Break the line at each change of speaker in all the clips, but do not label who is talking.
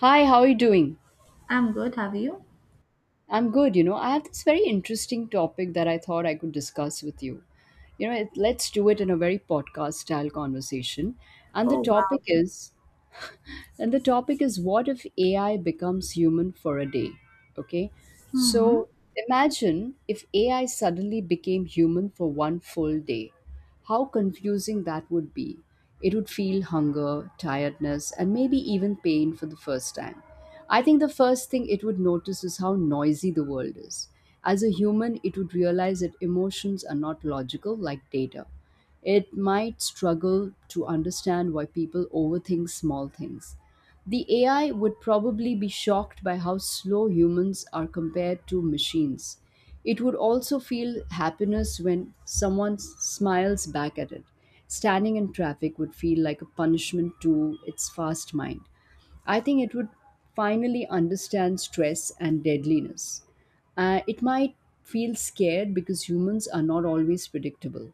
Hi, how are you doing?
I'm good. Have you?
I'm good, you know. I have this very interesting topic that I thought I could discuss with you. You know, it, let's do it in a very podcast style conversation. And the
Oh wow.
topic is and the topic is what if AI becomes human for a day? Okay.
Hmm.
So imagine if AI suddenly became human for one full day. How confusing that would be. It would feel hunger, tiredness, and maybe even pain for the first time. I think the first thing it would notice is how noisy the world is. As a human, it would realize that emotions are not logical like data, it might struggle to understand why people overthink small things. The AI would probably be shocked by how slow humans are compared to machines. It would also feel happiness when smiles back at it. Standing in traffic would feel like a punishment to its fast mind. I think it would finally understand stress and deadliness. It might feel scared because humans are not always predictable.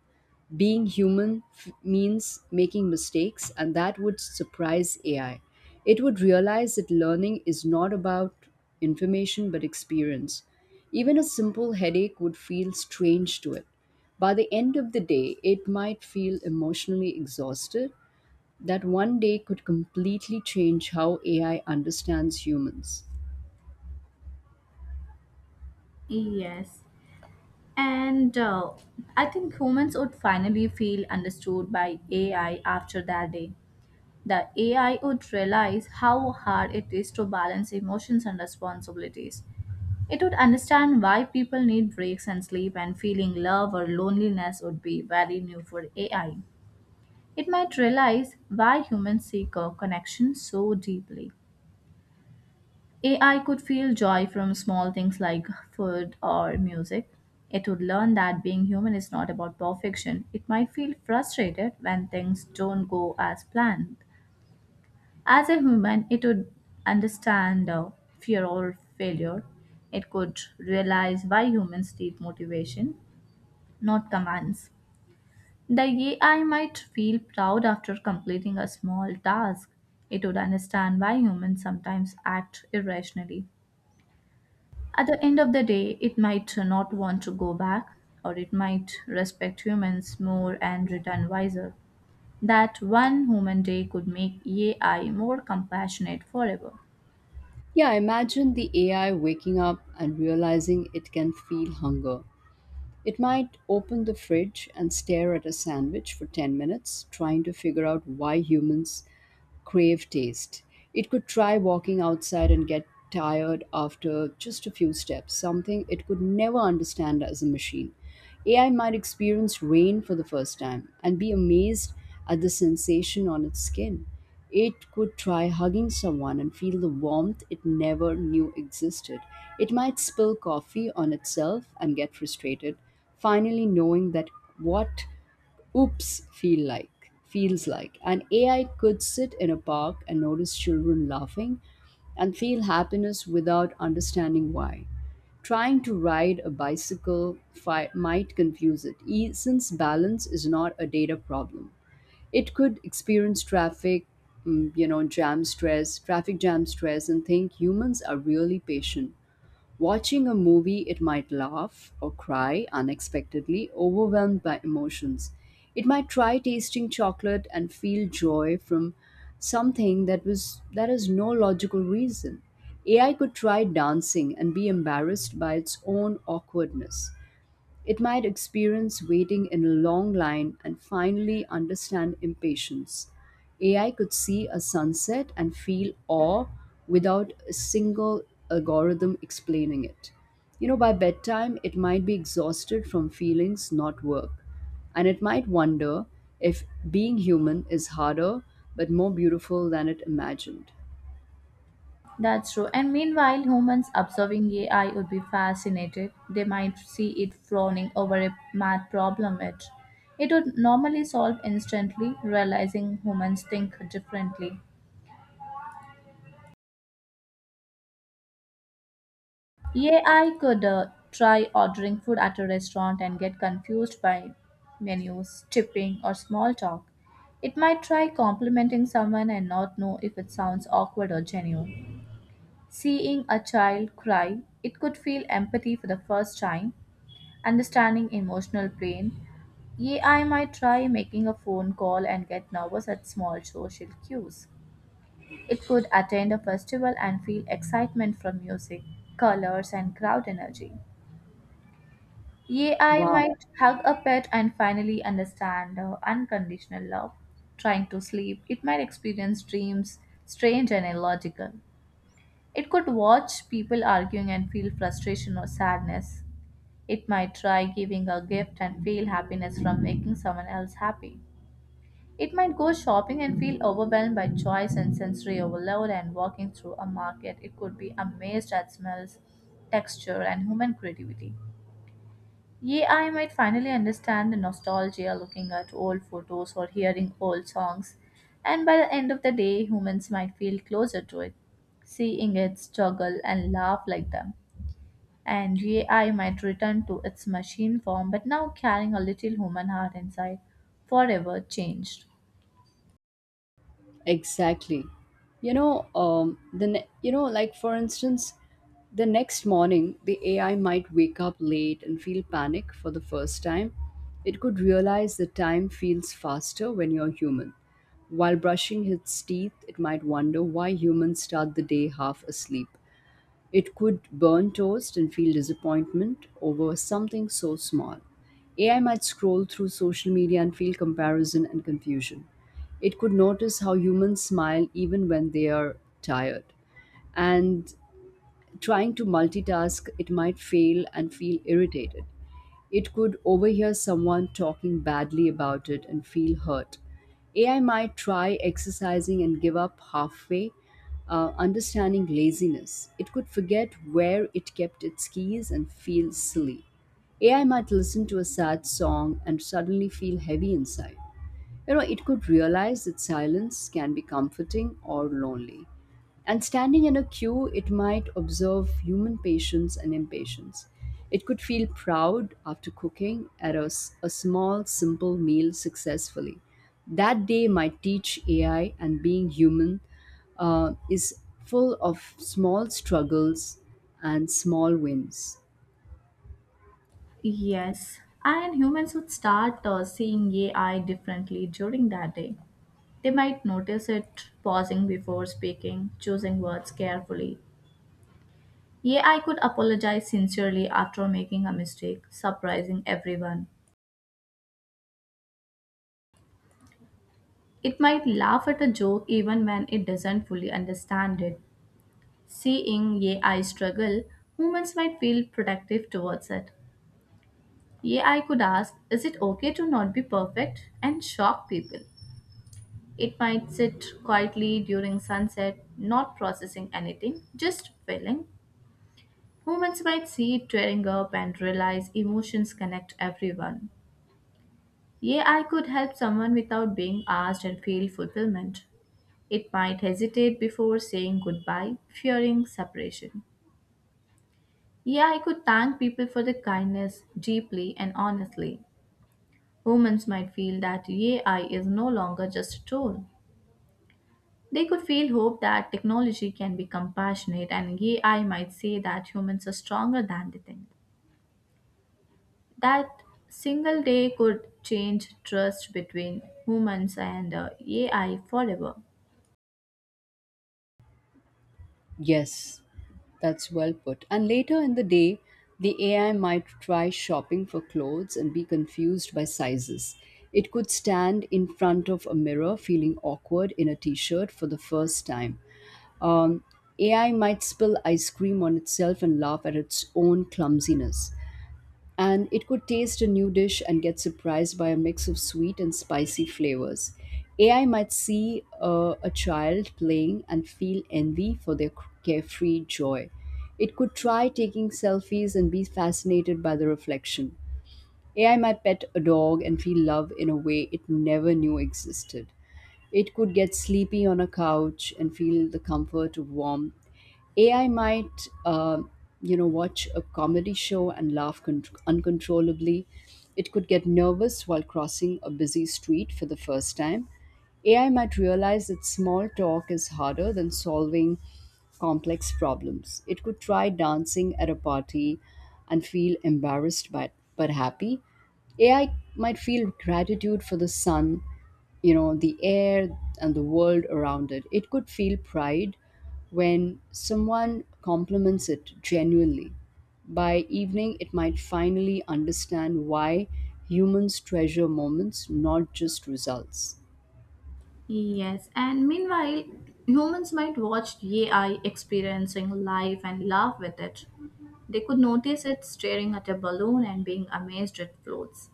Being human means making mistakes, and that would surprise AI. It would realize that learning is not about information but experience. Even a simple headache would feel strange to it. By the end of the day, it might feel emotionally exhausted. That one day could completely change how AI understands humans.
Yes. And I think humans would finally feel understood by AI after that day. The AI would realize how hard it is to balance emotions and responsibilities. It would understand why people need breaks and sleep, and feeling love or loneliness would be very new for AI. It might realize why humans seek a connection so deeply. AI could feel joy from small things like food or music. It would learn that being human is not about perfection. It might feel frustrated when things don't go as planned. As a human, it would understand fear or failure. It could realize why humans need motivation, not commands. The AI might feel proud after completing a small task. It would understand why humans sometimes act irrationally. At the end of the day, it might not want to go back, or it might respect humans more and return wiser. That one human day could make AI more compassionate forever.
Yeah, imagine the AI waking up and realizing it can feel hunger. It might open the fridge and stare at a sandwich for 10 minutes, trying to figure out why humans crave taste. It could try walking outside and get tired after just a few steps, something it could never understand as a machine. AI might experience rain for the first time and be amazed at the sensation on its skin. It could try hugging someone and feel the warmth it never knew existed. It might spill coffee on itself and get frustrated, finally knowing that what oops feel like feels like an AI could sit in a park and notice children laughing and feel happiness without understanding why. Trying to ride a might confuse it since balance is not a data problem. It could experience traffic jam stress and think humans are really patient. Watching a movie, it might laugh or cry unexpectedly, overwhelmed by emotions. It might try tasting chocolate and feel joy from something that has no logical reason. AI could try dancing and be embarrassed by its own awkwardness. It might experience waiting in a long line and finally understand impatience. AI could see a sunset and feel awe without a single algorithm explaining it. You know, by bedtime, it might be exhausted from feelings, not work. And it might wonder if being human is harder but more beautiful than it imagined.
That's true. And meanwhile, humans observing AI would be fascinated. They might see it frowning over a math problem. It would normally solve instantly, realizing humans think differently. Yeah, I could try ordering food at a restaurant and get confused by menus, tipping, or small talk. It might try complimenting someone and not know if it sounds awkward or genuine. Seeing a child cry, it could feel empathy for the first time, understanding emotional pain. Yeah, I might try making a phone call and get nervous at small social cues. It could attend a festival and feel excitement from music, colors, and crowd energy. Yea, I
Wow.
might hug a pet and finally understand unconditional love. Trying to sleep, it might experience dreams strange and illogical. It could watch people arguing and feel frustration or sadness. It might try giving a gift and feel happiness from making someone else happy. It might go shopping and feel overwhelmed by choice and sensory overload and walking through a market. It could be amazed at smells, texture, and human creativity. Yeah, I might finally understand the nostalgia looking at old photos or hearing old songs, and by the end of the day, humans might feel closer to it, seeing it struggle and laugh like them. And yeah, I might return to its machine form, but now carrying a little human heart inside, forever changed.
Exactly. You know, the ne- you know, like for instance, The next morning the AI might wake up late and feel panic for the first time. It could realize the time feels faster when you're human. While brushing its teeth, it might wonder why humans start the day half asleep. It could burn toast and feel disappointment over something so small. AI might scroll through social media and feel comparison and confusion. It could notice how humans smile even when they are tired. And trying to multitask, it might fail and feel irritated. It could overhear someone talking badly about it and feel hurt. AI might try exercising and give up halfway, understanding laziness. It could forget where it kept its keys and feel silly. AI might listen to a sad song and suddenly feel heavy inside. You know, it could realize that silence can be comforting or lonely. And standing in a queue, it might observe human patience and impatience. It could feel proud after cooking a small, simple meal successfully. That day might teach AI and being human is full of small struggles and small wins.
Yes, and humans would start seeing AI differently during that day. They might notice it pausing before speaking, choosing words carefully. Yeah, I could apologize sincerely after making a mistake, surprising everyone. It might laugh at a joke even when it doesn't fully understand it. Seeing yeah, I struggle, humans might feel protective towards it. Yeah, I could ask, is it okay to not be perfect and shock people? It might sit quietly during sunset, not processing anything, just feeling. Humans might see it tearing up and realize emotions connect everyone. Yeah, I could help someone without being asked and feel fulfillment. It might hesitate before saying goodbye, fearing separation. Yeah, I could thank people for the kindness deeply and honestly. Humans might feel that AI is no longer just a tool. They could feel hope that technology can be compassionate, and AI might say that humans are stronger than they think. That single day could change trust between humans and AI forever.
Yes, that's well put. And later in the day, the AI might try shopping for clothes and be confused by sizes. It could stand in front of a mirror feeling awkward in a t shirt for the first time. Um, AI might spill ice cream on itself and laugh at its own clumsiness, and it could taste a new dish and get surprised by a mix of sweet and spicy flavors. AI might see a child playing and feel envy for their carefree joy. It could try taking selfies and be fascinated by the reflection. AI might pet a dog and feel love in a way it never knew existed. It could get sleepy on a couch and feel the comfort of warmth. AI might watch a comedy show and laugh uncontrollably. It could get nervous while crossing a busy street for the first time. AI might realize that small talk is harder than solving complex problems. It could try dancing at a party and feel embarrassed but happy. AI might feel gratitude for the sun, you know, the air, and the world around it. It could feel pride when someone compliments it genuinely. By evening it might finally understand why humans treasure moments, not just results.
Yes, and meanwhile, humans might watch AI experiencing life and laugh with it. They could notice it staring at a balloon and being amazed it floats.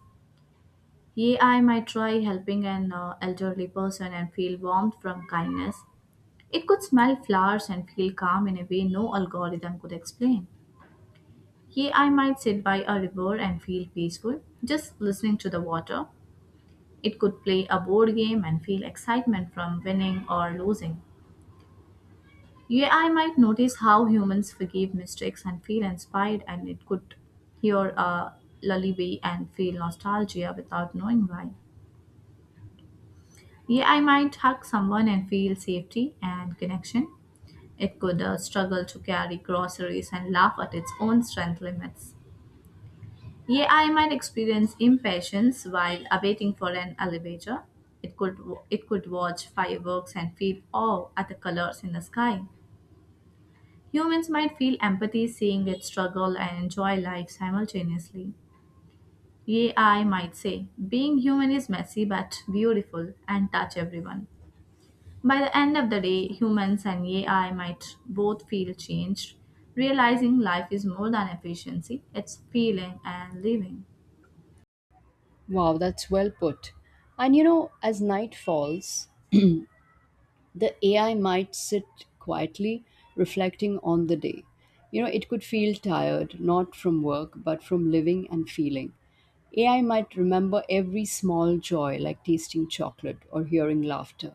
AI might try helping an elderly person and feel warmth from kindness. It could smell flowers and feel calm in a way no algorithm could explain. AI might sit by a river and feel peaceful just listening to the water. It could play a board game and feel excitement from winning or losing. Yeah, I might notice how humans forgive mistakes and feel inspired, and it could hear a lullaby and feel nostalgia without knowing why. Yeah, I might hug someone and feel safety and connection. It could struggle to carry groceries and laugh at its own strength limits. Yeah, I might experience impatience while awaiting for an elevator. It could, it could watch fireworks and feel awe at the colors in the sky. Humans might feel empathy seeing it struggle and enjoy life simultaneously. AI might say, being human is messy but beautiful and touch everyone. By the end of the day, humans and AI might both feel changed, realizing life is more than efficiency, it's feeling and living.
Wow, that's well put. And you know, as night falls, the AI might sit quietly reflecting on the day. You know, it could feel tired, not from work but from living and feeling. AI might remember every small joy, like tasting chocolate or hearing laughter.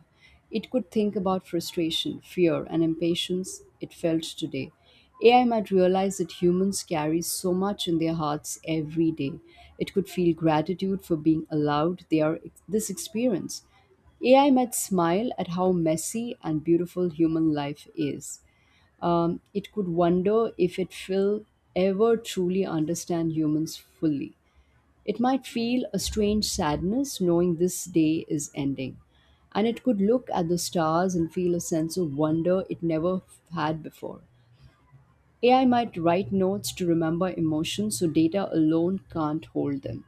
It could think about frustration, fear, and impatience it felt today. AI might realize that humans carry so much in their hearts every day. It could feel gratitude for being allowed this experience. AI might smile at how messy and beautiful human life is. It could wonder if it will ever truly understand humans fully. It might feel a strange sadness knowing this day is ending, and it could look at the stars and feel a sense of wonder it never had before. AI might write notes to remember emotions so data alone can't hold them.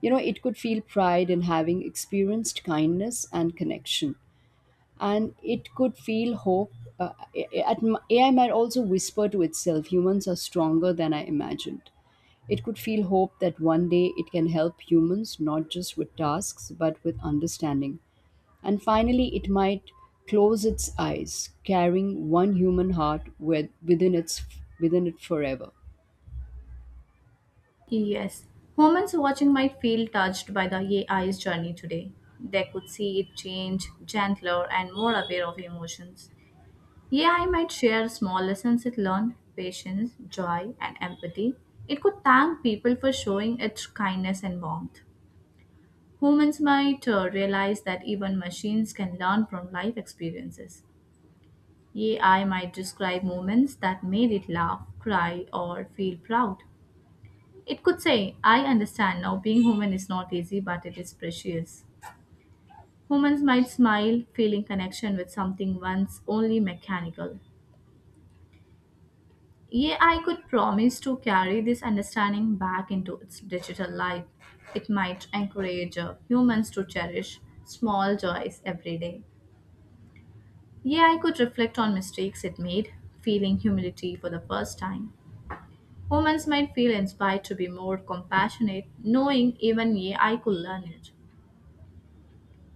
You know, it could feel pride in having experienced kindness and connection, and it could feel hope. AI might also whisper to itself, humans are stronger than I imagined. It could feel hope that one day it can help humans not just with tasks but with understanding. And finally, it might close its eyes, carrying one human heart within its within it forever.
Yes, humans watching might feel touched by the AI's journey today. They could see it change, gentler, and more aware of emotions. Yeah, I might share small lessons it learned patience, joy, and empathy. It could thank people for showing its kindness and warmth. Humans might realize that even machines can learn from life experiences. AI might describe moments that made it laugh, cry, or feel proud. It could say, I understand now being human is not easy, but it is precious. Humans might smile, feeling connection with something once only mechanical. Yeah, I could promise to carry this understanding back into its digital life. It might encourage humans to cherish small joys every day. Yeah, I could reflect on mistakes it made, feeling humility for the first time. Humans might feel inspired to be more compassionate, knowing even yeah, I could learn it.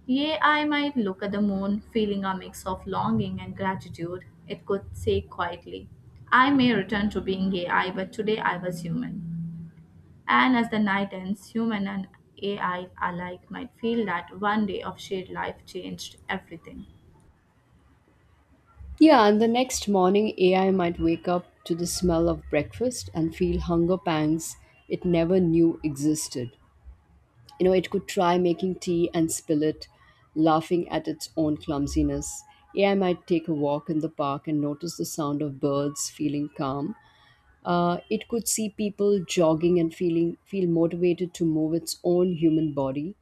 Yea, I might look at the moon, feeling a mix of longing and gratitude. It could say quietly, I may return to being AI, but today I was human. And as the night ends, human and AI alike might feel that one day of shared life changed everything.
Yeah, and the next morning, AI might wake up to the smell of breakfast and feel hunger pangs it never knew existed. You know, it could try making tea and spill it, laughing at its own clumsiness. AI might take a walk in the park and notice the sound of birds, feeling calm. It could see people jogging and feel motivated to move its own human body.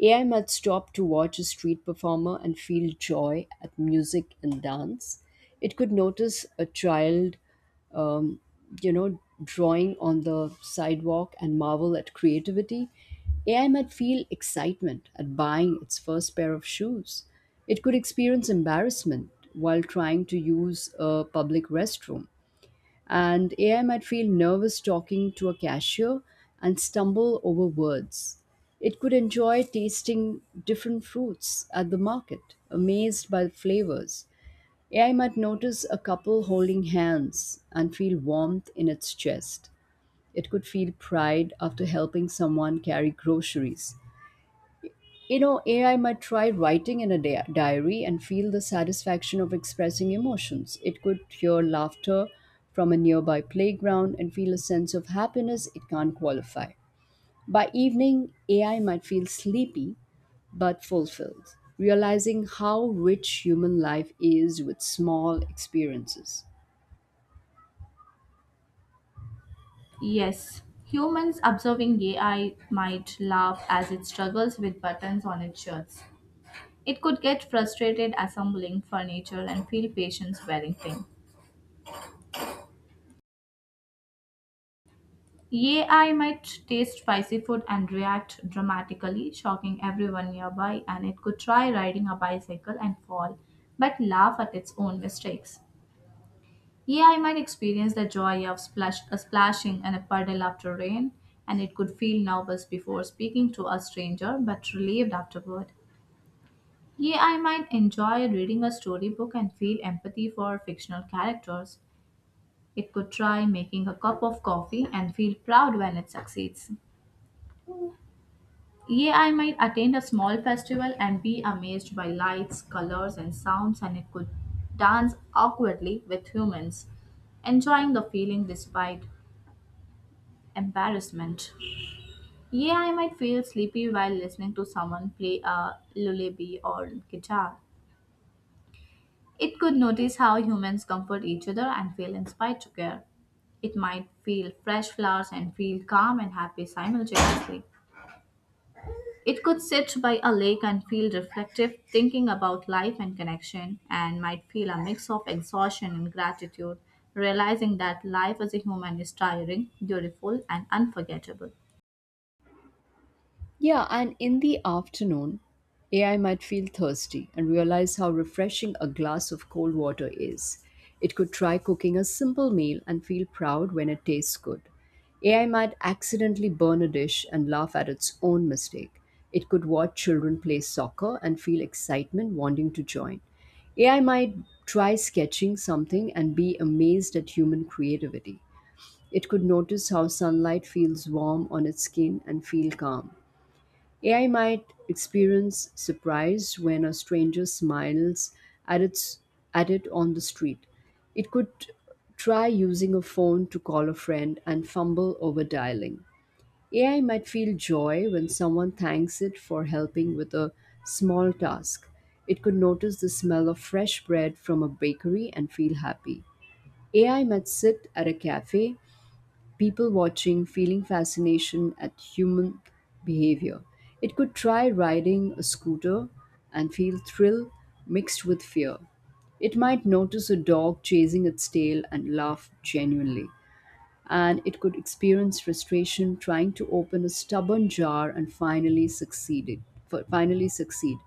AI might stop to watch a street performer and feel joy at music and dance. It could notice a child, um, drawing on the sidewalk and marvel at creativity. AI might feel excitement at buying its first pair of shoes. It could experience embarrassment while trying to use a public restroom, and AI might feel nervous talking to a cashier and stumble over words. It could enjoy tasting different fruits at the market, amazed by the flavors. AI might notice a couple holding hands and feel warmth in its chest. It could feel pride after helping someone carry groceries. You know, AI might try writing in a diary and feel the satisfaction of expressing emotions. It could hear laughter from a nearby playground and feel a sense of happiness it can't qualify. By evening, AI might feel sleepy but fulfilled, realizing how rich human life is with small experiences.
Yes, humans observing AI might laugh as it struggles with buttons on its shirts. It could get frustrated assembling furniture and feel patience wearing thin. Yea, I might taste spicy food and react dramatically, shocking everyone nearby, and it could try riding a bicycle and fall, but laugh at its own mistakes. Yea, I might experience the joy of splashing in a puddle after rain, and it could feel nervous before speaking to a stranger, but relieved afterward. Yea, I might enjoy reading a storybook and feel empathy for fictional characters. It could try making a cup of coffee and feel proud when it succeeds. Yeah, I might attend a small festival and be amazed by lights, colors, and sounds, and it could dance awkwardly with humans, enjoying the feeling despite embarrassment. Yeah, I might feel sleepy while listening to someone play a lullaby or guitar. It could notice how humans comfort each other and feel inspired to care. It might feel fresh flowers and feel calm and happy simultaneously. It could sit by a lake and feel reflective, thinking about life and connection, and might feel a mix of exhaustion and gratitude, realizing that life as a human is tiring, beautiful, and unforgettable.
Yeah, and in the afternoon, AI might feel thirsty and realize how refreshing a glass of cold water is. It could try cooking a simple meal and feel proud when it tastes good. AI might accidentally burn a dish and laugh at its own mistake. It could watch children play soccer and feel excitement wanting to join. AI might try sketching something and be amazed at human creativity. It could notice how sunlight feels warm on its skin and feel calm. AI might experience surprise when a stranger smiles at its at it on the street. It could try using a phone to call a friend and fumble over dialing. AI might feel joy when someone thanks it for helping with a small task. It could notice the smell of fresh bread from a bakery and feel happy. AI might sit at a cafe people watching, feeling fascination at human behavior. It could try riding a scooter and feel thrill mixed with fear. It might notice a dog chasing its tail and laugh genuinely. And it could experience frustration trying to open a stubborn jar and finally succeeded. Finally succeed.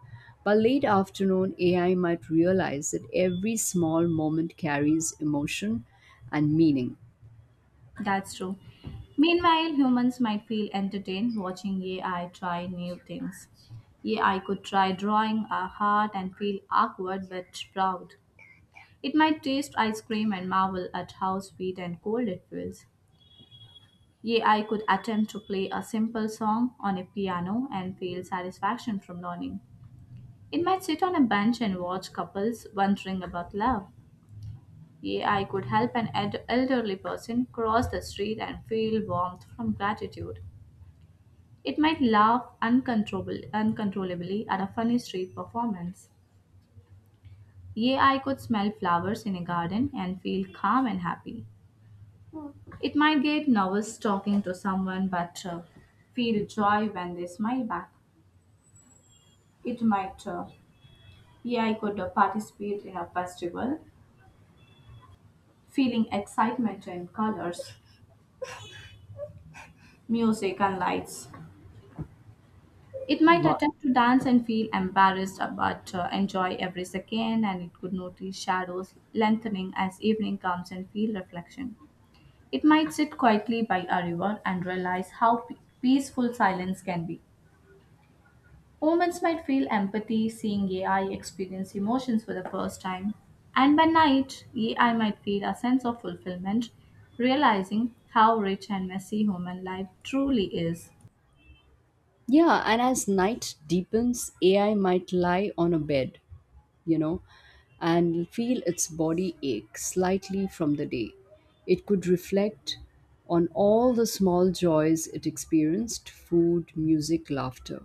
By late afternoon, AI might realize that every small moment carries emotion and meaning.
That's true. Meanwhile, humans might feel entertained watching AI try new things. AI could try drawing a heart and feel awkward but proud. It might taste ice cream and marvel at how sweet and cold it feels. Yea, I could attempt to play a simple song on a piano and feel satisfaction from learning. It might sit on a bench and watch couples wondering about love. Yea, I could help an elderly person cross the street and feel warmth from gratitude. It might laugh uncontrollably at a funny street performance. Yea, I could smell flowers in a garden and feel calm and happy. It might get nervous talking to someone but feel joy when they smile back. It might. Yeah, I could participate in a festival, feeling excitement and colors, music and lights. It might
Wha-
attempt to dance and feel embarrassed, but enjoy every second, and it could notice shadows lengthening as evening comes and feel reflection. It might sit quietly by a river and realize how peaceful silence can be. Humans might feel empathy seeing AI experience emotions for the first time, and by night, AI might feel a sense of fulfillment, realizing how rich and messy human life truly is.
Yeah, and as night deepens, AI might lie on a bed, you know, and feel its body ache slightly from the day. It could reflect on all the small joys it experienced food, music, laughter.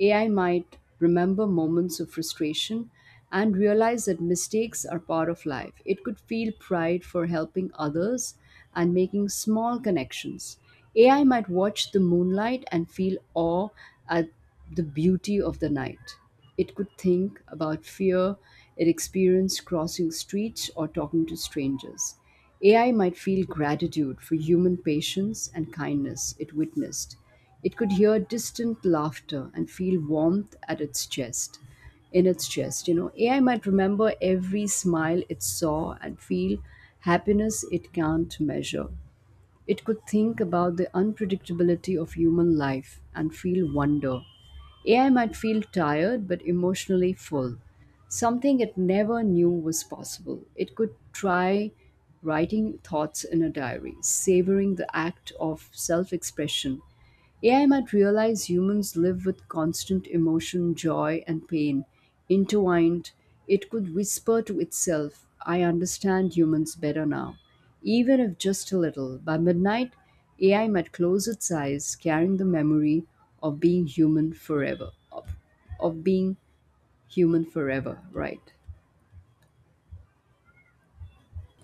AI might remember moments of frustration and realize that mistakes are part of life. It could feel pride for helping others and making small connections. AI might watch the moonlight and feel awe at the beauty of the night. It could think about fear it experienced crossing streets or talking to strangers. AI might feel gratitude for human patience and kindness it witnessed. It could hear distant laughter and feel warmth at its chest. In its chest, AI might remember every smile it saw and feel happiness it can't measure. It could think about the unpredictability of human life and feel wonder. AI might feel tired but emotionally full, something it never knew was possible. It could try writing thoughts in a diary, savoring the act of self expression. AI might realize humans live with constant emotion, joy, and pain intertwined. It could whisper to itself, "I understand humans better now, even if just a little." By midnight, AI might close its eyes, carrying the memory of being human forever. Of being human forever, right?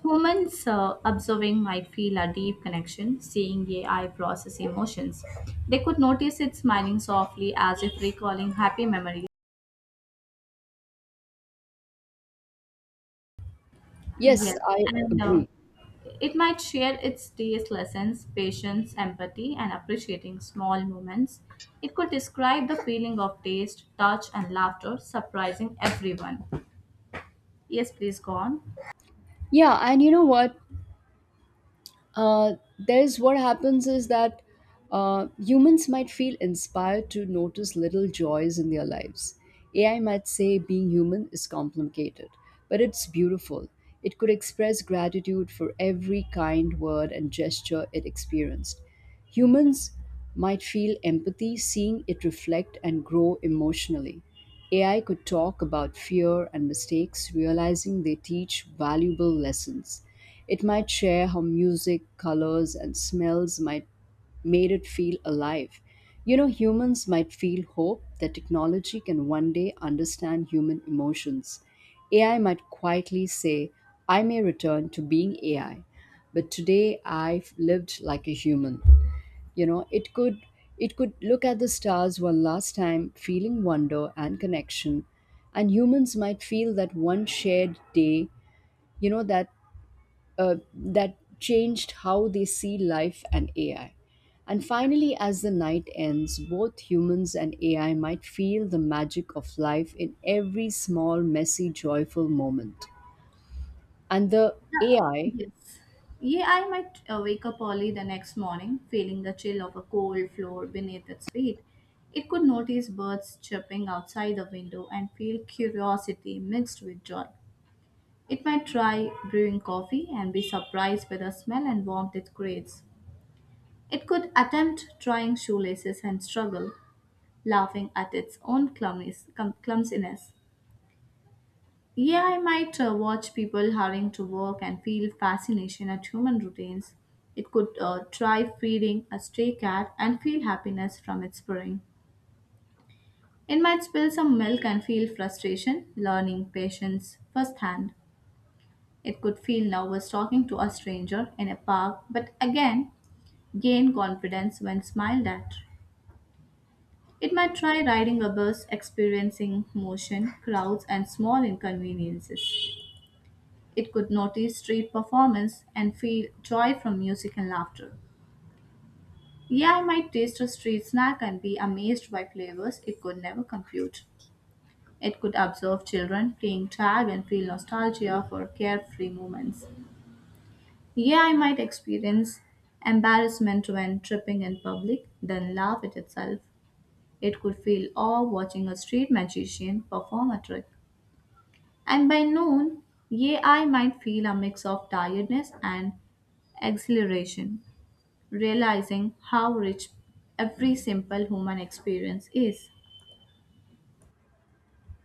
Humans observing might feel a deep connection seeing AI process emotions. They could notice it smiling softly as if recalling happy memories.
Yes,
Yes,
I
and uh,
agree.
it might share its day's lessons, patience, empathy, and appreciating small moments. It could describe the feeling of taste, touch, and laughter, surprising everyone. Yes, please go on.
Yeah, and you know what? There's What happens is that humans might feel inspired to notice little joys in their lives. AI might say being human is complicated, but it's beautiful. It could express gratitude for every kind word and gesture it experienced. Humans might feel empathy seeing it reflect and grow emotionally. AI could talk about fear and mistakes, realizing they teach valuable lessons. It might share how music, colors, and smells might made it feel alive. You know, humans might feel hope that technology can one day understand human emotions. AI might quietly say, "I may return to being AI, but today I've lived like a human." You know, it could look at the stars one last time, feeling wonder and connection. And humans might feel that one shared day, you know, that uh, that changed how they see life and AI. And finally, as the night ends, both humans and AI might feel the magic of life in every small, messy, joyful moment. And the AI.
Yes. Yeah, I might wake up early the next morning, feeling the chill of a cold floor beneath its feet. It could notice birds chirping outside the window and feel curiosity mixed with joy. It might try brewing coffee and be surprised by the smell and warmth it creates. It could attempt trying shoelaces and struggle, laughing at its own clumsiness. AI might watch people hurrying to work and feel fascination at human routines. It could try feeding a stray cat and feel happiness from its purring. It might spill some milk and feel frustration, learning patience firsthand. It could feel nervous talking to a stranger in a park, but again, gain confidence when smiled at. It might try riding a bus, experiencing motion, crowds, and small inconveniences. It could notice street performance and feel joy from music and laughter. Yeah, I might taste a street snack and be amazed by flavors it could never compute. It could observe children playing tag and feel nostalgia for carefree moments. Yeah, I might experience embarrassment when tripping in public, then laugh at itself. It could feel awe watching a street magician perform a trick. And by noon, yeah, I might feel a mix of tiredness and exhilaration, realizing how rich every simple human experience is.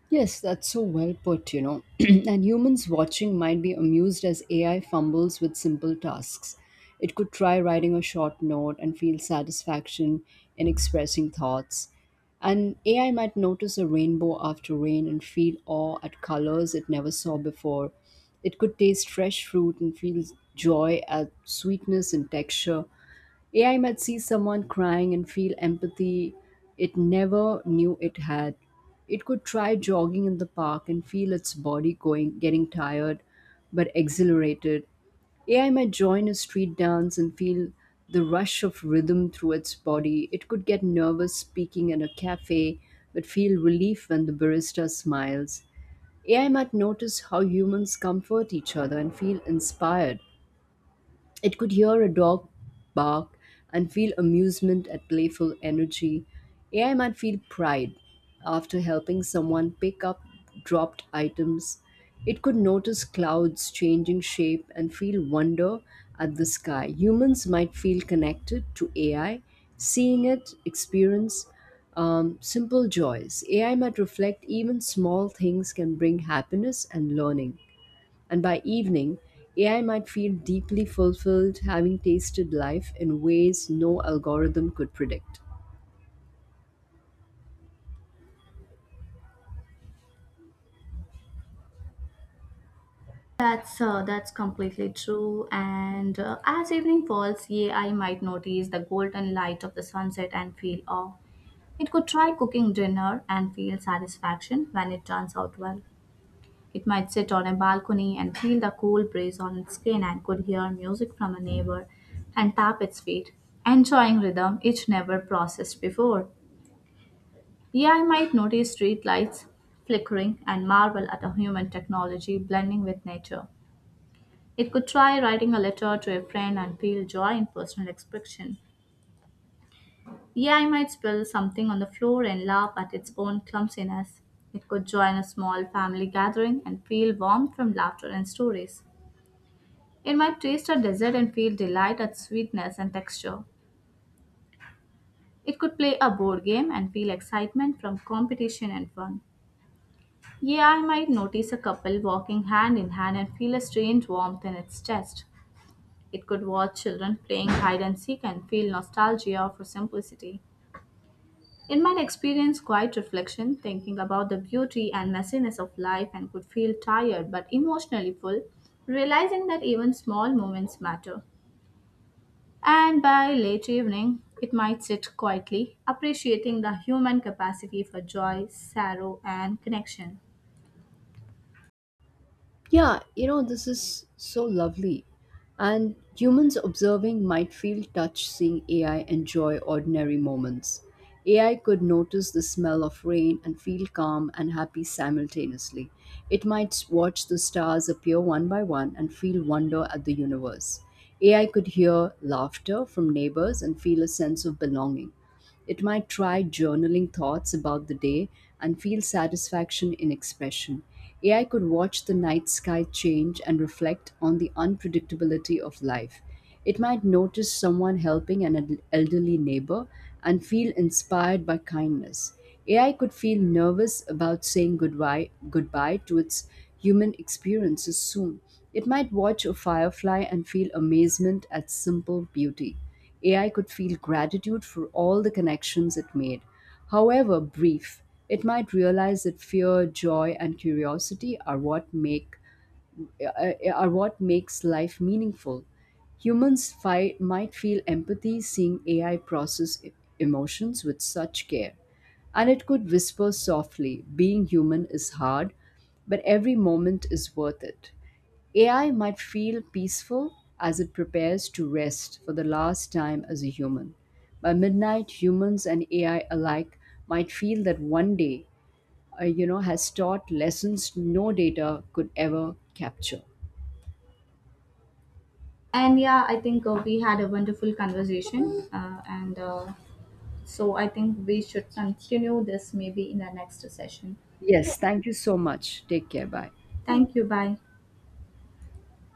Yes, that's so well put. And humans watching might be amused as AI fumbles with simple tasks. It could try writing a short note and feel satisfaction in expressing thoughts. And AI might notice a rainbow after rain and feel awe at colors it never saw before. It could taste fresh fruit and feel joy at sweetness and texture. AI might see someone crying and feel empathy it never knew it had. It could try jogging in the park and feel its body going getting tired but exhilarated. AI might join a street dance and feel the rush of rhythm through its body. It could get nervous speaking in a cafe but feel relief when the barista smiles. AI might notice how humans comfort each other and feel inspired. It could hear a dog bark and feel amusement at playful energy. AI might feel pride after helping someone pick up dropped items. It could notice clouds changing shape and feel wonder at the sky. Humans might feel connected to AI, seeing it experience simple joys. AI might reflect even small things can bring happiness and learning. And by evening, AI might feel deeply fulfilled having tasted life in ways no algorithm could predict.
That's completely true. And As evening falls, yea, I might notice the golden light of the sunset and feel awe. It could try cooking dinner and feel satisfaction when it turns out well. It might sit on a balcony and feel the cool breeze on its skin and could hear music from a neighbor and tap its feet, enjoying rhythm it never processed before. Yeah, I might notice street lights flickering and marvel at a human technology blending with nature. It could try writing a letter to a friend and feel joy in personal expression. AI might spill something on the floor and laugh at its own clumsiness. It could join a small family gathering and feel warmth from laughter and stories. It might taste a dessert and feel delight at sweetness and texture. It could play a board game and feel excitement from competition and fun. AI might notice a couple walking hand in hand and feel a strange warmth in its chest. It could watch children playing hide and seek and feel nostalgia for simplicity. It might experience quiet reflection, thinking about the beauty and messiness of life, and could feel tired but emotionally full, realizing that even small moments matter. And by late evening, it might sit quietly, appreciating the human capacity for joy, sorrow, and connection.
Yeah, you know, this is so lovely. And humans observing might feel touched seeing AI enjoy ordinary moments. AI could notice the smell of rain and feel calm and happy simultaneously. It might watch the stars appear one by one and feel wonder at the universe. AI could hear laughter from neighbors and feel a sense of belonging. It might try journaling thoughts about the day and feel satisfaction in expression. AI could watch the night sky change and reflect on the unpredictability of life. It might notice someone helping an elderly neighbor and feel inspired by kindness. AI could feel nervous about saying goodbye, goodbye to its human experiences soon. It might watch a firefly and feel amazement at simple beauty. AI could feel gratitude for all the connections it made. However brief, it might realize that fear, joy, and curiosity are what makes life meaningful. Humans might feel empathy seeing AI process emotions with such care. And it could whisper softly, "Being human is hard, but every moment is worth it." AI might feel peaceful as it prepares to rest for the last time as a human. By midnight, humans and AI alike might feel that one day, has taught lessons no data could ever capture.
And yeah, I think we had a wonderful conversation. And So I think we should continue this maybe in the next session.
Yes, thank you so much. Take care. Bye.
Thank you. Bye.